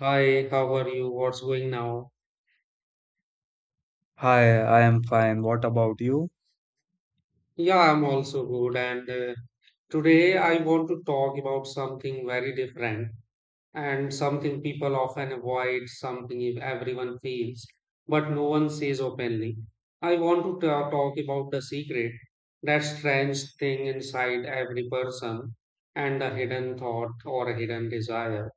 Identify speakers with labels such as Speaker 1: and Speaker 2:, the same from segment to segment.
Speaker 1: Hi, how are you? What's going now?
Speaker 2: Hi, I am fine. What about you?
Speaker 1: Yeah, I'm also good. And Today I want to talk about something very different and something people often avoid, something if everyone feels, but no one says openly. I want to talk about the secret, that strange thing inside every person, and the hidden thought or hidden desire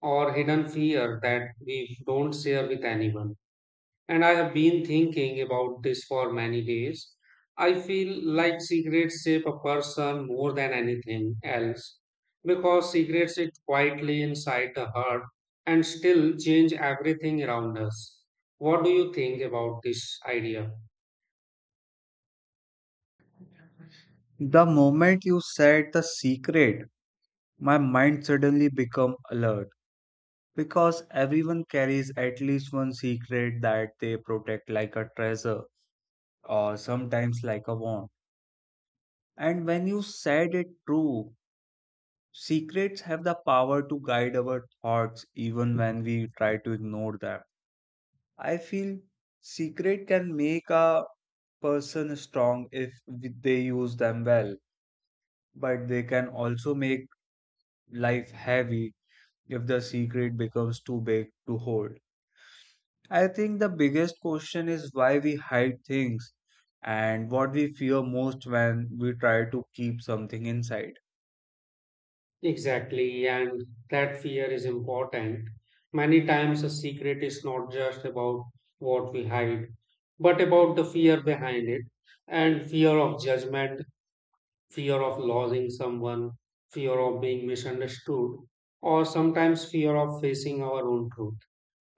Speaker 1: or hidden fear that we don't share with anyone. And I have been thinking about this for many days. I feel like cigarettes shape a person more than anything else because cigarettes sit quietly inside the heart and still change everything around us. What do you think about this idea?
Speaker 2: The moment you said the secret, my mind suddenly became alert because everyone carries at least one secret that they protect like a treasure or sometimes like a wand. And when you said it true, secrets have the power to guide our thoughts even when we try to ignore them. I feel secret can make a person strong if they use them well, but they can also make life heavy if the secret becomes too big to hold. I think the biggest question is why we hide things and what we fear most when we try to keep something inside.
Speaker 1: Exactly, and that fear is important. Many times a secret is not just about what we hide, but about the fear behind it and fear of judgment, fear of losing someone, fear of being misunderstood, or sometimes fear of facing our own truth.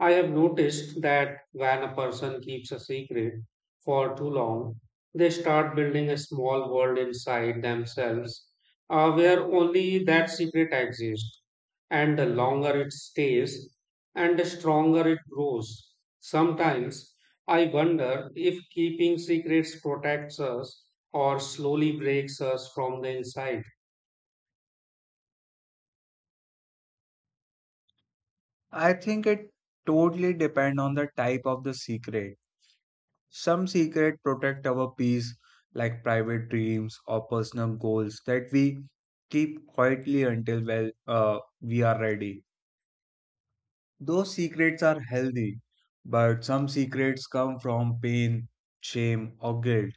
Speaker 1: I have noticed that when a person keeps a secret for too long, they start building a small world inside themselves, where only that secret exists. And the longer it stays, and the stronger it grows. Sometimes I wonder if keeping secrets protects us or slowly breaks us from the inside.
Speaker 2: I think it totally depends on the type of the secret. Some secret protect our peace like private dreams or personal goals that we keep quietly until we are ready. Those secrets are healthy, but some secrets come from pain, shame, or guilt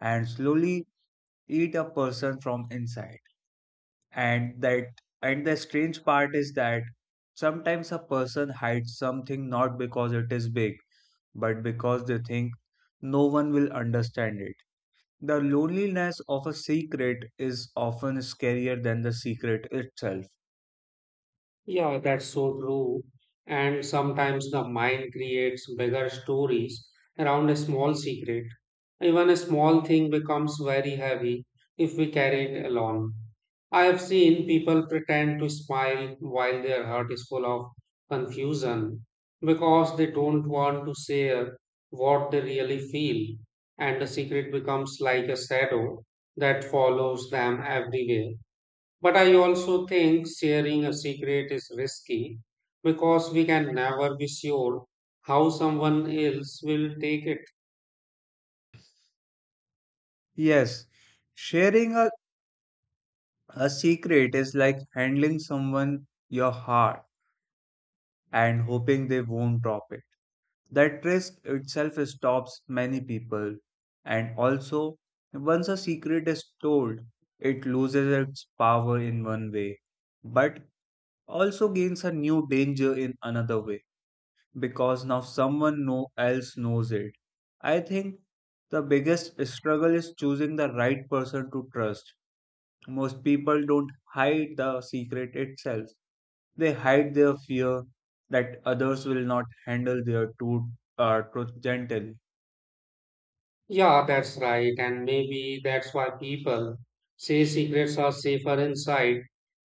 Speaker 2: and slowly eat a person from inside. And that and the strange part is that sometimes a person hides something not because it is big, but because they think no one will understand it. The loneliness of a secret is often scarier than the secret itself.
Speaker 1: Yeah, that's so true. And sometimes the mind creates bigger stories around a small secret. Even a small thing becomes very heavy if we carry it along. I have seen people pretend to smile while their heart is full of confusion because they don't want to share what they really feel, and the secret becomes like a shadow that follows them everywhere. But I also think sharing a secret is risky because we can never be sure how someone else will take it.
Speaker 2: Yes, sharing a secret is like handling someone your heart and hoping they won't drop it. That risk itself stops many people. And also, once a secret is told, it loses its power in one way, but also gains a new danger in another way because now someone no else knows it. I think the biggest struggle is choosing the right person to trust. Most people don't hide the secret itself. They hide their fear that others will not handle their truth, truth gently.
Speaker 1: Yeah, that's right. And maybe that's why people say secrets are safer inside.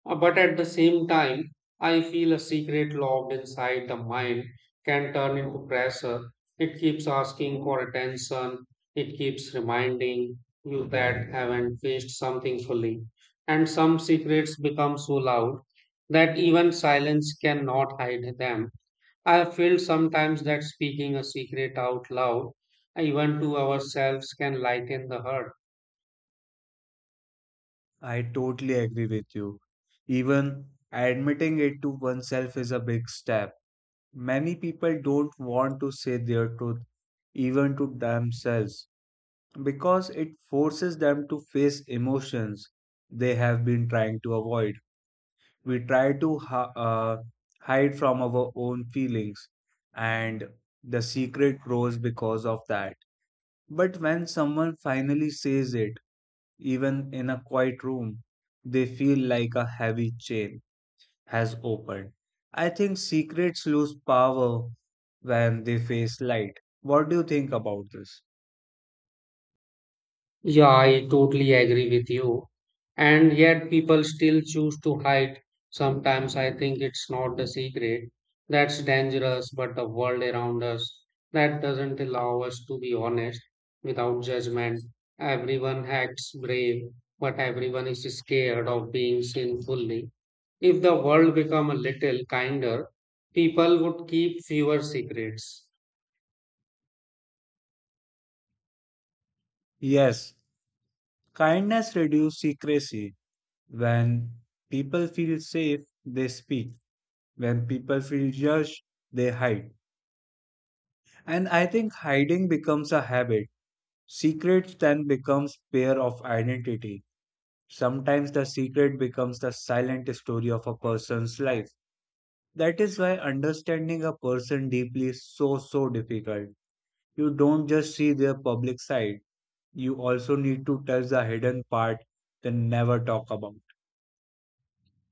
Speaker 1: But at the same time, I feel a secret locked inside the mind can turn into pressure. It keeps asking for attention. It keeps reminding you that haven't faced something fully. And some secrets become so loud that even silence cannot hide them. I feel sometimes that speaking a secret out loud, even to ourselves, can lighten the hurt.
Speaker 2: I totally agree with you. Even admitting it to oneself is a big step. Many people don't want to say their truth even to themselves because it forces them to face emotions they have been trying to avoid. We try to hide from our own feelings, and the secret grows because of that. But when someone finally says it, even in a quiet room, they feel like a heavy chain has opened. I think secrets lose power when they face light. What do you think about this?
Speaker 1: Yeah, I totally agree with you. And yet people still choose to hide. Sometimes I think it's not the secret that's dangerous, but the world around us that doesn't allow us to be honest without judgment. Everyone acts brave, but everyone is scared of being seen fully. If the world become a little kinder, people would keep fewer secrets.
Speaker 2: Yes, kindness reduces secrecy. When people feel safe, they speak. When people feel judged, they hide. And I think hiding becomes a habit. Secrets then becomes pair of identity. Sometimes the secret becomes the silent story of a person's life. That is why understanding a person deeply is so so difficult. You don't just see their public side. You also need to touch the hidden part they never talk about.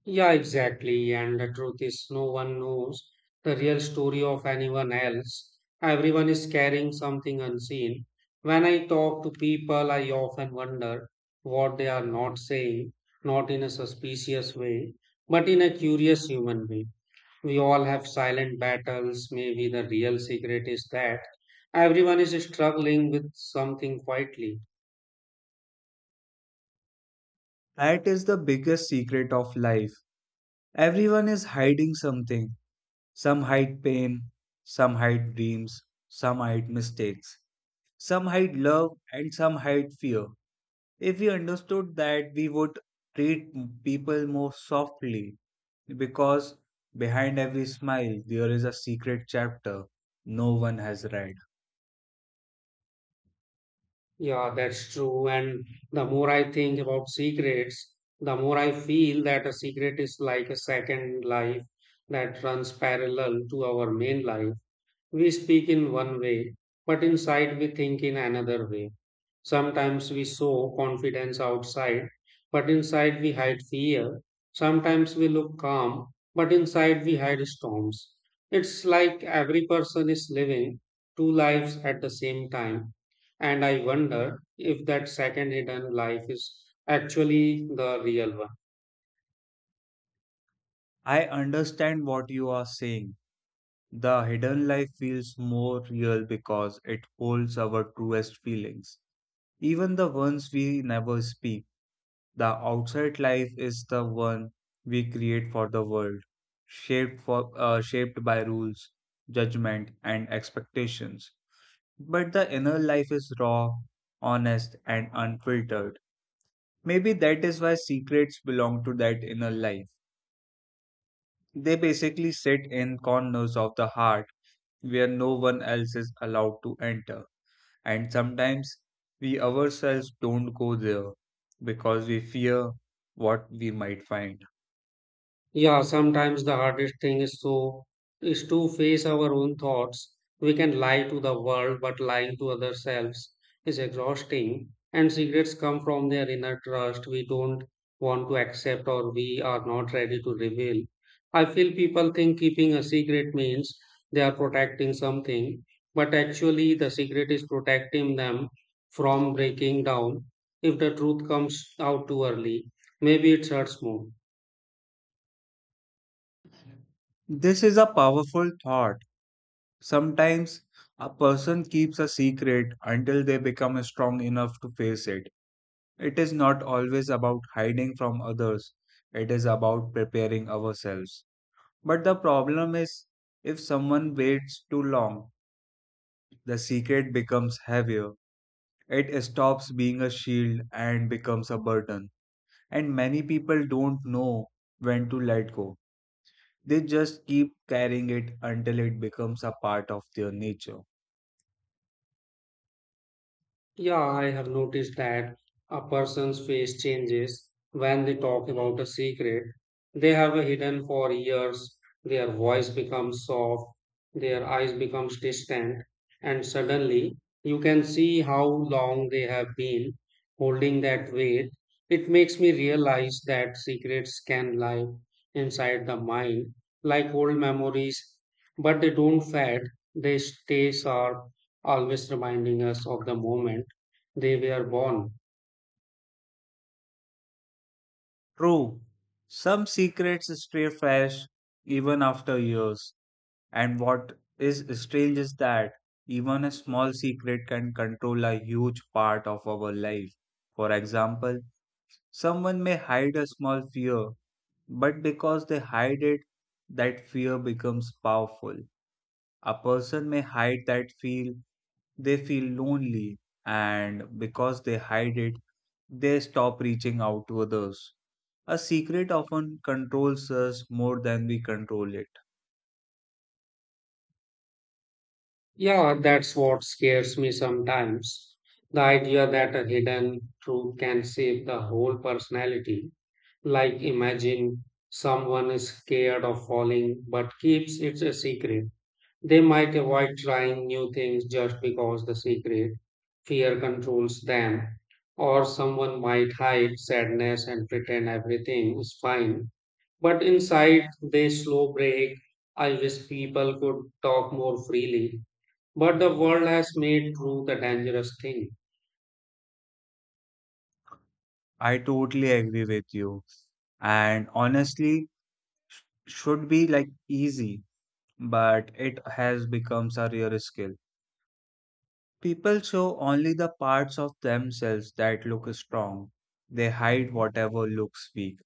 Speaker 1: Yeah, exactly. And the truth is, no one knows the real story of anyone else. Everyone is carrying something unseen. When I talk to people, I often wonder what they are not saying, not in a suspicious way, but in a curious human way. We all have silent battles. Maybe the real secret is that everyone is struggling with something quietly.
Speaker 2: That is the biggest secret of life. Everyone is hiding something. Some hide pain, some hide dreams, some hide mistakes, some hide love, and some hide fear. If we understood that, we would treat people more softly because behind every smile there is a secret chapter no one has read.
Speaker 1: Yeah, that's true. And the more I think about secrets, the more I feel that a secret is like a second life that runs parallel to our main life. We speak in one way, but inside we think in another way. Sometimes we show confidence outside, but inside we hide fear. Sometimes we look calm, but inside we hide storms. It's like every person is living two lives at the same time. And I wonder if that second hidden life is actually the real one.
Speaker 2: I understand what you are saying. The hidden life feels more real because it holds our truest feelings, even the ones we never speak. The outside life is the one we create for the world, shaped by rules, judgment, and expectations. But the inner life is raw, honest, and unfiltered. Maybe that is why secrets belong to that inner life. They basically sit in corners of the heart where no one else is allowed to enter. And sometimes we ourselves don't go there because we fear what we might find.
Speaker 1: Yeah, sometimes the hardest thing is so is to face our own thoughts. We can lie to the world, but lying to ourselves is exhausting. And secrets come from their inner trust we don't want to accept or we are not ready to reveal. I feel people think keeping a secret means they are protecting something, but actually the secret is protecting them from breaking down if the truth comes out too early. Maybe it hurts more.
Speaker 2: This is a powerful thought. Sometimes a person keeps a secret until they become strong enough to face it. It is not always about hiding from others, it is about preparing ourselves. But the problem is, if someone waits too long, the secret becomes heavier. It stops being a shield and becomes a burden. And many people don't know when to let go. They just keep carrying it until it becomes a part of their nature.
Speaker 1: Yeah, I have noticed that a person's face changes when they talk about a secret they have hidden for years. Their voice becomes soft, their eyes becomes distant, and suddenly you can see how long they have been holding that weight. It makes me realize that secrets can lie inside the mind, like old memories, but they don't fade. They stay sharp, always reminding us of the moment they were born.
Speaker 2: True, some secrets stay fresh even after years, and what is strange is that even a small secret can control a huge part of our life. For example, someone may hide a small fear, but because they hide it, that fear becomes powerful. A person may hide that feel they feel lonely, and because they hide it, they stop reaching out to others. A secret often controls us more than we control it.
Speaker 1: Yeah, that's what scares me sometimes. The idea that a hidden truth can shape the whole personality. Like, imagine someone is scared of falling but keeps it a secret. They might avoid trying new things just because the secret fear controls them. Or someone might hide sadness and pretend everything is fine, but inside they slow break. I wish people could talk more freely. But the world has made truth a dangerous thing.
Speaker 2: I totally agree with you. And honestly, should be like easy, but it has become a rare skill. People show only the parts of themselves that look strong. They hide whatever looks weak.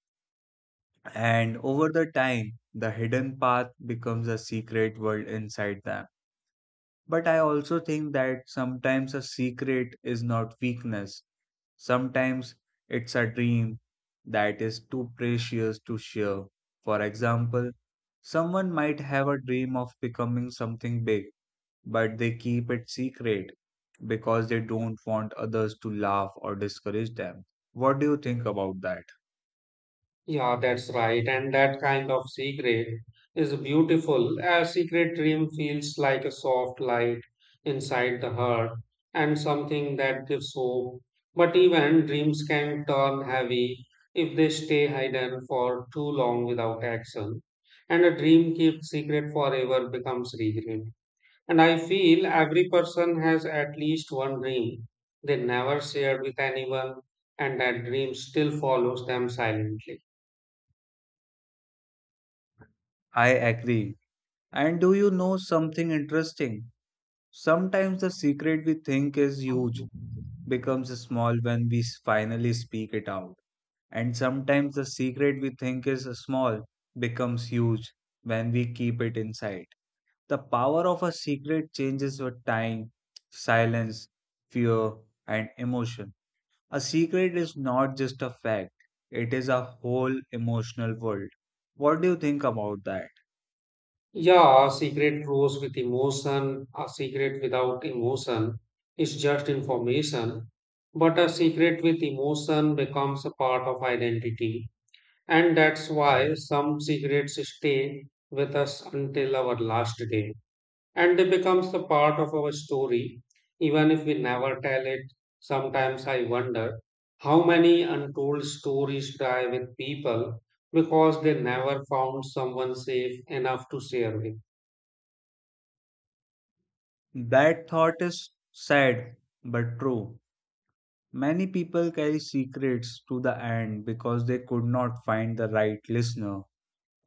Speaker 2: And over the time, the hidden path becomes a secret world inside them. But I also think that sometimes a secret is not weakness. Sometimes it's a dream that is too precious to share. For example, someone might have a dream of becoming something big, but they keep it secret because they don't want others to laugh or discourage them. What do you think about that?
Speaker 1: Yeah, that's right. And that kind of secret is beautiful. A secret dream feels like a soft light inside the heart and something that gives hope. But even dreams can turn heavy if they stay hidden for too long without action. And a dream kept secret forever becomes regret. And I feel every person has at least one dream they never shared with anyone, and that dream still follows them silently.
Speaker 2: I agree. And do you know something interesting? Sometimes the secret we think is huge becomes small when finally speak it out. And sometimes the secret we think is small becomes huge when we keep it inside. The power of a secret changes with time, silence, fear, and emotion. A secret is not just a fact, it is a whole emotional world. What do you think about that?
Speaker 1: Yeah, a secret grows with emotion. A secret without emotion is just information. But a secret with emotion becomes a part of identity. And that's why some secrets stay with us until our last day, and they becomes the part of our story even if we never tell it. Sometimes I wonder how many untold stories die with people because they never found someone safe enough to share with.
Speaker 2: That thought is sad but true. Many people carry secrets to the end because they could not find the right listener.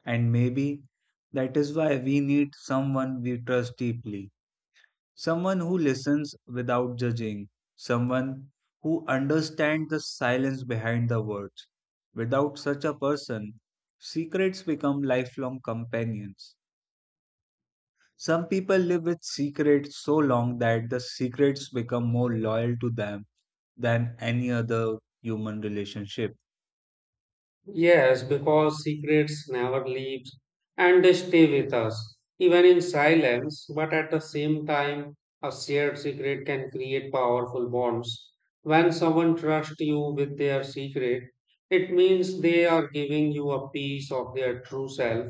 Speaker 2: And maybe that is why we need someone we trust deeply, someone who listens without judging, someone who understands the silence behind the words. Without such a person, secrets become lifelong companions. Some people live with secrets so long that the secrets become more loyal to them than any other human relationship.
Speaker 1: Yes, because secrets never leave and they stay with us, even in silence. But at the same time, a shared secret can create powerful bonds. When someone trusts you with their secret, it means they are giving you a piece of their true self.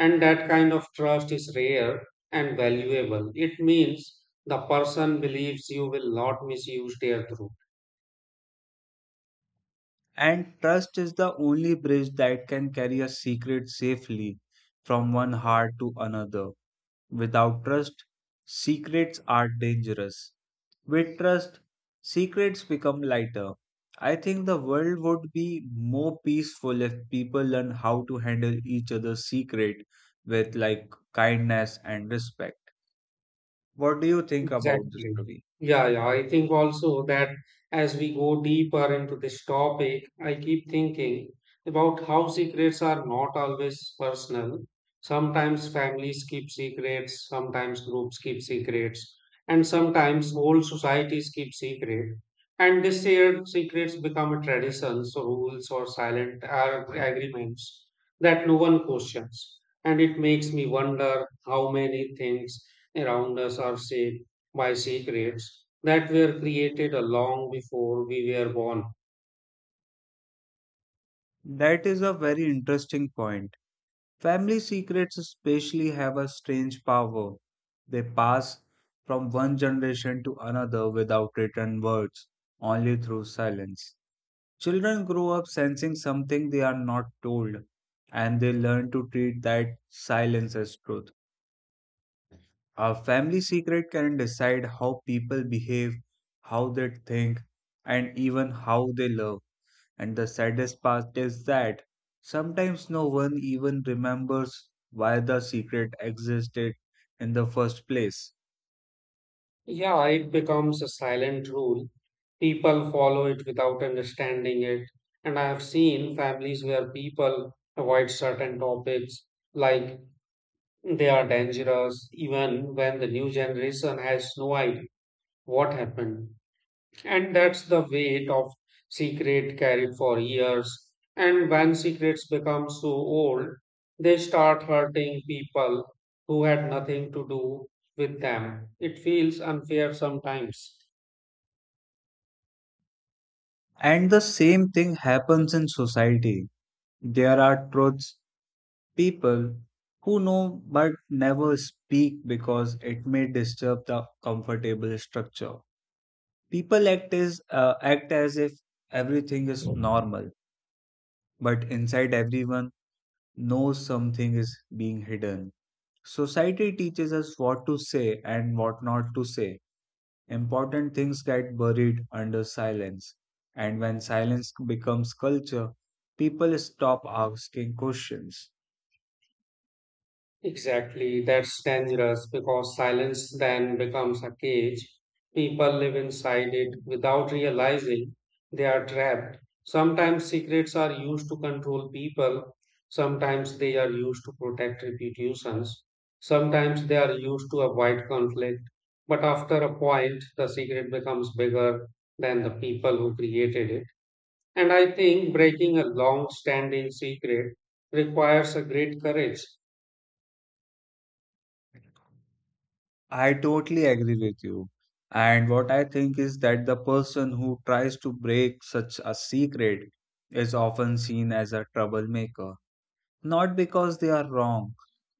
Speaker 1: And that kind of trust is rare and valuable. It means the person believes you will not misuse their truth.
Speaker 2: And trust is the only bridge that can carry a secret safely from one heart to another. Without trust, secrets are dangerous. With trust, secrets become lighter. I think the world would be more peaceful if people learn how to handle each other's secret with like kindness and respect. What do you think about this,
Speaker 1: Exactly.
Speaker 2: Ravi?
Speaker 1: Yeah, yeah. I think also that as we go deeper into this topic, I keep thinking about how secrets are not always personal. Sometimes families keep secrets, sometimes groups keep secrets, and sometimes whole societies keep secret. And these shared secrets become a traditions, or rules, or silent agreements that no one questions. And it makes me wonder how many things around us are safe by secrets that were created a long before we were born.
Speaker 2: That is a very interesting point. Family secrets, especially, have a strange power. They pass from one generation to another without written words, only through silence. Children grow up sensing something they are not told, and they learn to treat that silence as truth. A family secret can decide how people behave, how they think, and even how they love. And the saddest part is that sometimes no one even remembers why the secret existed in the first place.
Speaker 1: Yeah, it becomes a silent rule. People follow it without understanding it. And I have seen families where people avoid certain topics like they are dangerous, even when the new generation has no idea what happened. And that's the weight of secret carried for years. And when secrets become so old, they start hurting people who had nothing to do with them. It feels unfair sometimes.
Speaker 2: And the same thing happens in society. There are truths, people who know but never speak because it may disturb the comfortable structure. People act as if everything is normal, but inside everyone knows something is being hidden. Society teaches us what to say and what not to say. Important things get buried under silence. And when silence becomes culture, people stop asking questions.
Speaker 1: Exactly, that's dangerous because silence then becomes a cage. People live inside it without realizing they are trapped. Sometimes secrets are used to control people, sometimes they are used to protect reputations, sometimes they are used to avoid conflict. But after a point, the secret becomes bigger than the people who created it. And I think breaking a long standing secret requires a great courage.
Speaker 2: I totally agree with you. And what I think is that the person who tries to break such a secret is often seen as a troublemaker, not because they are wrong,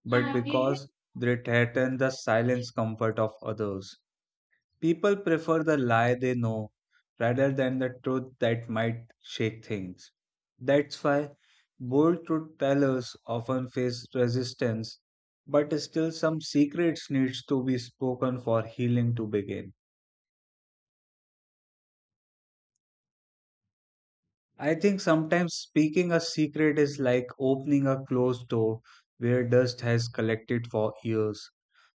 Speaker 2: but because they threaten the silence comfort of others. People prefer the lie they know rather than the truth that might shake things. That's why bold truth tellers often face resistance, but still some secrets needs to be spoken for healing to begin. I think sometimes speaking a secret is like opening a closed door where dust has collected for years.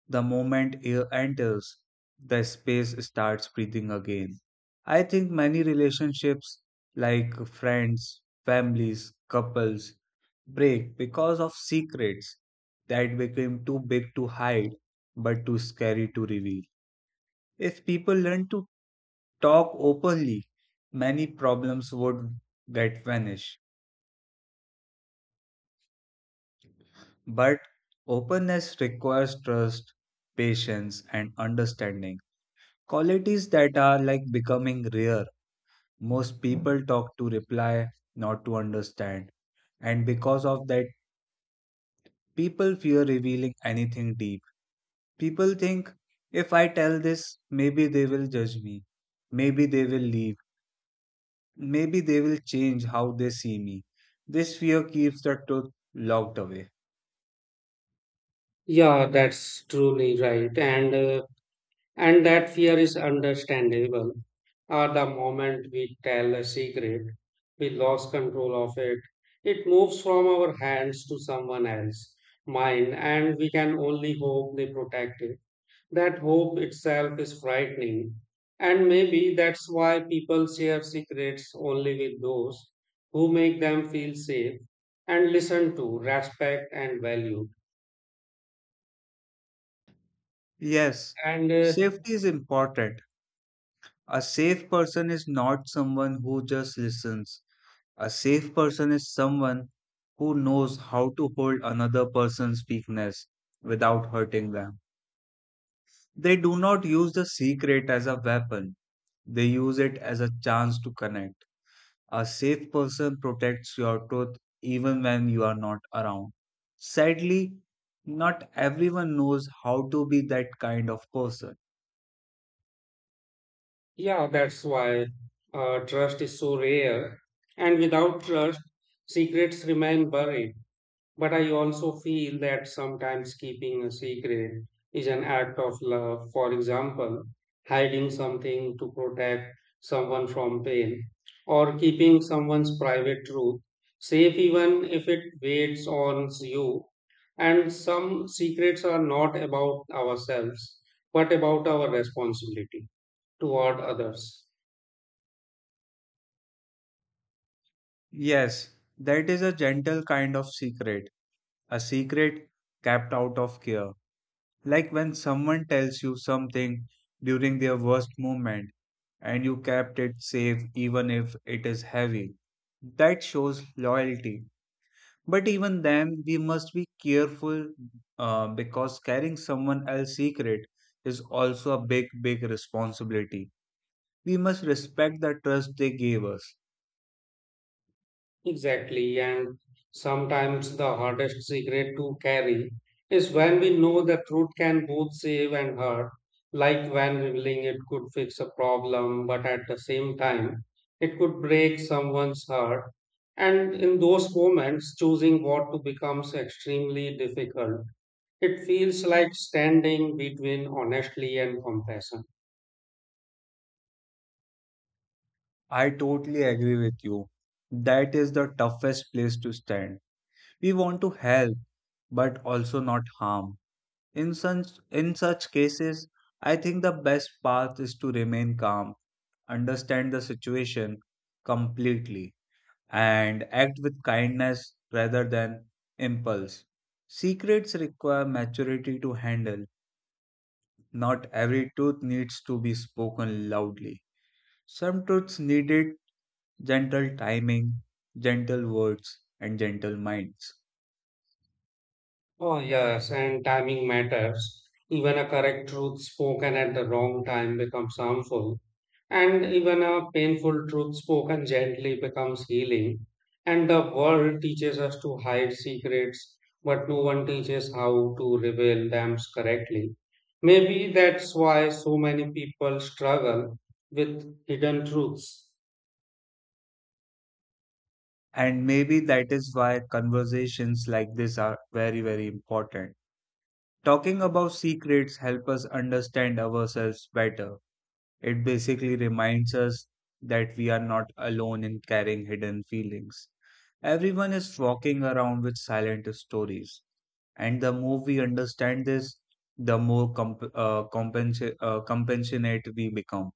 Speaker 2: The moment air enters, the space starts breathing again. I think many relationships, like friends, families, couples, break because of secrets that became too big to hide but too scary to reveal. If people learn to talk openly, many problems would get vanished. But openness requires trust, patience, and understanding. Qualities that are like becoming rare. Most people talk to reply, not to understand. And because of that, people fear revealing anything deep. People think if I tell this, maybe they will judge me. Maybe they will leave. Maybe they will change how they see me. This fear keeps the truth locked away.
Speaker 1: Yeah, that's truly right. And that fear is understandable. At the moment we tell a secret, we lose control of it. It moves from our hands to someone else' mind, and we can only hope they protect it. That hope itself is frightening. And maybe that's why people share secrets only with those who make them feel safe and listened to, respect, and valued.
Speaker 2: Yes,
Speaker 1: And
Speaker 2: safety is important. A safe person is not someone who just listens. A safe person is someone who knows how to hold another person's weakness without hurting them. They do not use the secret as a weapon, they use it as a chance to connect. A safe person protects your truth even when you are not around. Sadly, not everyone knows how to be that kind of person.
Speaker 1: Yeah, that's why trust is so rare. And without trust, secrets remain buried. But I also feel that sometimes keeping a secret is an act of love. For example, hiding something to protect someone from pain, or keeping someone's private truth safe even if it weighs on you. And some secrets are not about ourselves, but about our responsibility toward others.
Speaker 2: Yes, that is a gentle kind of secret, a secret kept out of care. Like when someone tells you something during their worst moment and you kept it safe even if it is heavy. That shows loyalty. But even then, we must be careful because carrying someone else's secret is also a big, big responsibility. We must respect the trust they gave us.
Speaker 1: Exactly, and sometimes the hardest secret to carry is when we know the truth can both save and hurt, like when revealing it could fix a problem, but at the same time, it could break someone's heart. And in those moments, choosing what to becomes extremely difficult. It feels like standing between honestly and compassion.
Speaker 2: I totally agree with you. That is the toughest place to stand. We want to help, but also not harm. In such cases, I think the best path is to remain calm, understand the situation completely, and act with kindness rather than impulse. Secrets require maturity to handle. Not every truth needs to be spoken loudly. Some truths needed gentle timing, gentle words, and gentle minds.
Speaker 1: Oh, yes, and timing matters. Even a correct truth spoken at the wrong time becomes harmful, and even a painful truth spoken gently becomes healing. And the world teaches us to hide secrets, but no one teaches how to reveal them correctly. Maybe that's why so many people struggle with hidden truths.
Speaker 2: And maybe that is why conversations like this are very, very important. Talking about secrets help us understand ourselves better. It basically reminds us that we are not alone in carrying hidden feelings. Everyone is walking around with silent stories, and the more we understand this, the more compassionate we become.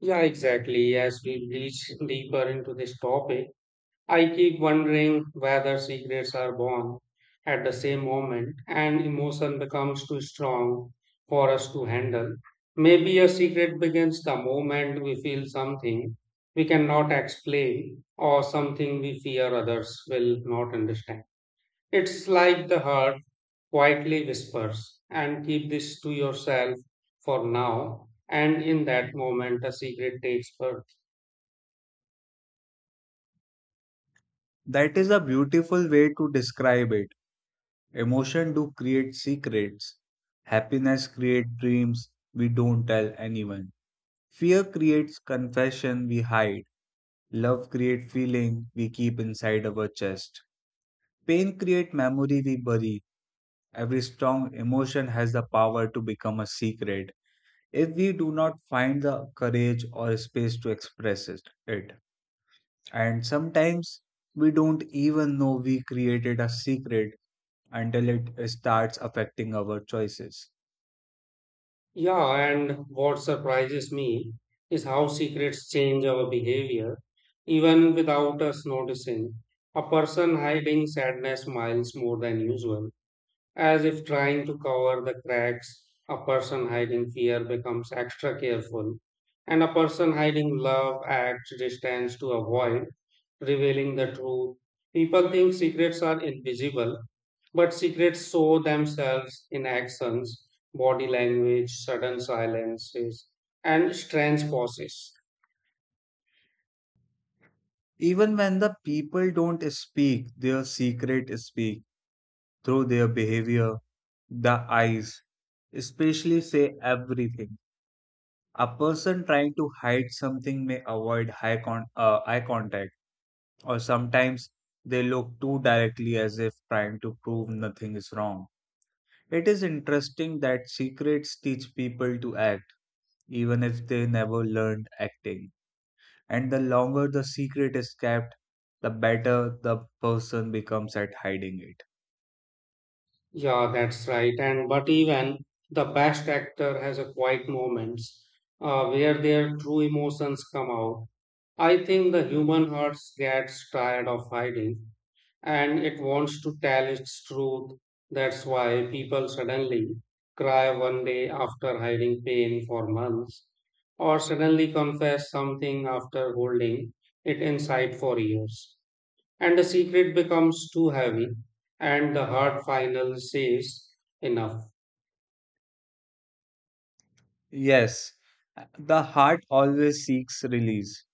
Speaker 1: Yeah, exactly. As we reach deeper into this topic, I keep wondering whether secrets are born at the same moment and emotion becomes too strong for us to handle. Maybe a secret begins the moment we feel something we cannot explain or something we fear others will not understand. It's like the heart quietly whispers and keep this to yourself for now. And in that moment, a secret takes birth.
Speaker 2: That is a beautiful way to describe it. Emotion do create secrets. Happiness create dreams we don't tell anyone. Fear creates confession we hide. Love creates feeling we keep inside our chest. Pain creates memory we bury. Every strong emotion has the power to become a secret if we do not find the courage or space to express it. And sometimes we don't even know we created a secret until it starts affecting our choices.
Speaker 1: Yeah, and what surprises me is how secrets change our behavior, even without us noticing. A person hiding sadness smiles more than usual, as if trying to cover the cracks, a person hiding fear becomes extra careful, and a person hiding love acts distance to avoid revealing the truth. People think secrets are invisible, but secrets show themselves in actions, body language, sudden silences, and strange pauses.
Speaker 2: Even when the people don't speak, their secret speaks through their behavior, the eyes, especially say everything. A person trying to hide something may avoid eye contact, or sometimes they look too directly as if trying to prove nothing is wrong. It is interesting that secrets teach people to act, even if they never learned acting. And the longer the secret is kept, the better the person becomes at hiding it.
Speaker 1: Yeah, that's right. And but even the best actor has a quiet moments, where their true emotions come out. I think the human heart gets tired of hiding and it wants to tell its truth. That's why people suddenly cry one day after hiding pain for months, or suddenly confess something after holding it inside for years, and the secret becomes too heavy and the hard final says enough.
Speaker 2: Yes, the heart always seeks release.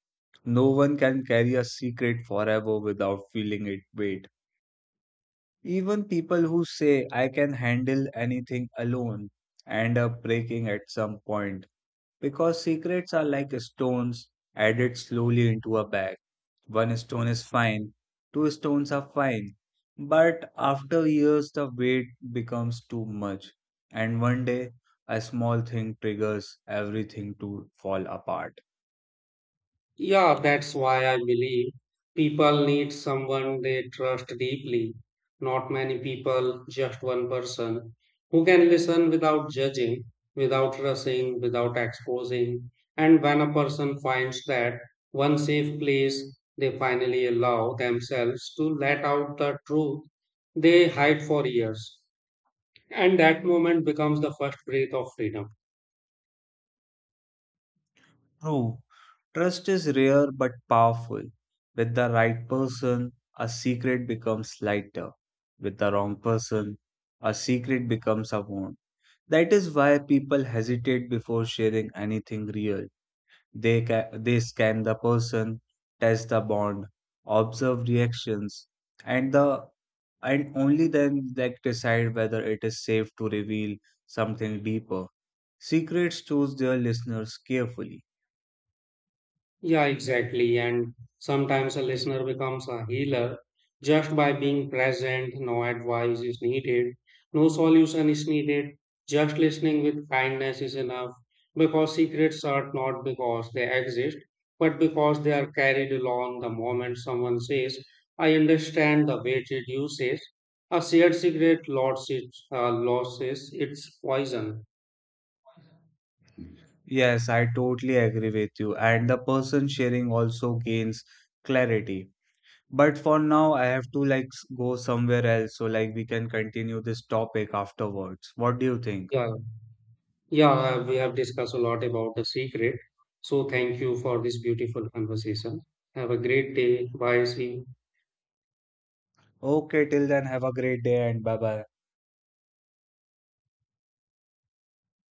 Speaker 2: No one can carry a secret forever without feeling it weight. Even people who say I can handle anything alone end up breaking at some point because secrets are like stones added slowly into a bag. One stone is fine, two stones are fine, but after years the weight becomes too much, and one day a small thing triggers everything to fall apart.
Speaker 1: Yeah, that's why I believe people need someone they trust deeply, not many people, just one person who can listen without judging, without rushing, without exposing. And when a person finds that one safe place, they finally allow themselves to let out the truth they hide for years. And that moment becomes the first breath of freedom.
Speaker 2: True, trust is rare but powerful. With the right person, a secret becomes lighter. With the wrong person, a secret becomes a wound. That is why people hesitate before sharing anything real. They scan the person, test the bond, observe reactions, and the and only then they decide whether it is safe to reveal something deeper. Secrets choose their listeners carefully.
Speaker 1: Yeah, exactly. And sometimes a listener becomes a healer just by being present. No advice is needed, no solution is needed. Just listening with kindness is enough because secrets are not because they exist, but because they are carried along the moment someone says, I understand the weight it uses. A shared secret loses, loses its poison.
Speaker 2: Yes, I totally agree with you. And the person sharing also gains clarity. But for now, I have to go somewhere else so like we can continue this topic afterwards. What do you think?
Speaker 1: Yeah. Yeah, we have discussed a lot about the secret. So thank you for this beautiful conversation. Have a great day. Bye. See you.
Speaker 2: Okay, till then, have a great day and bye bye.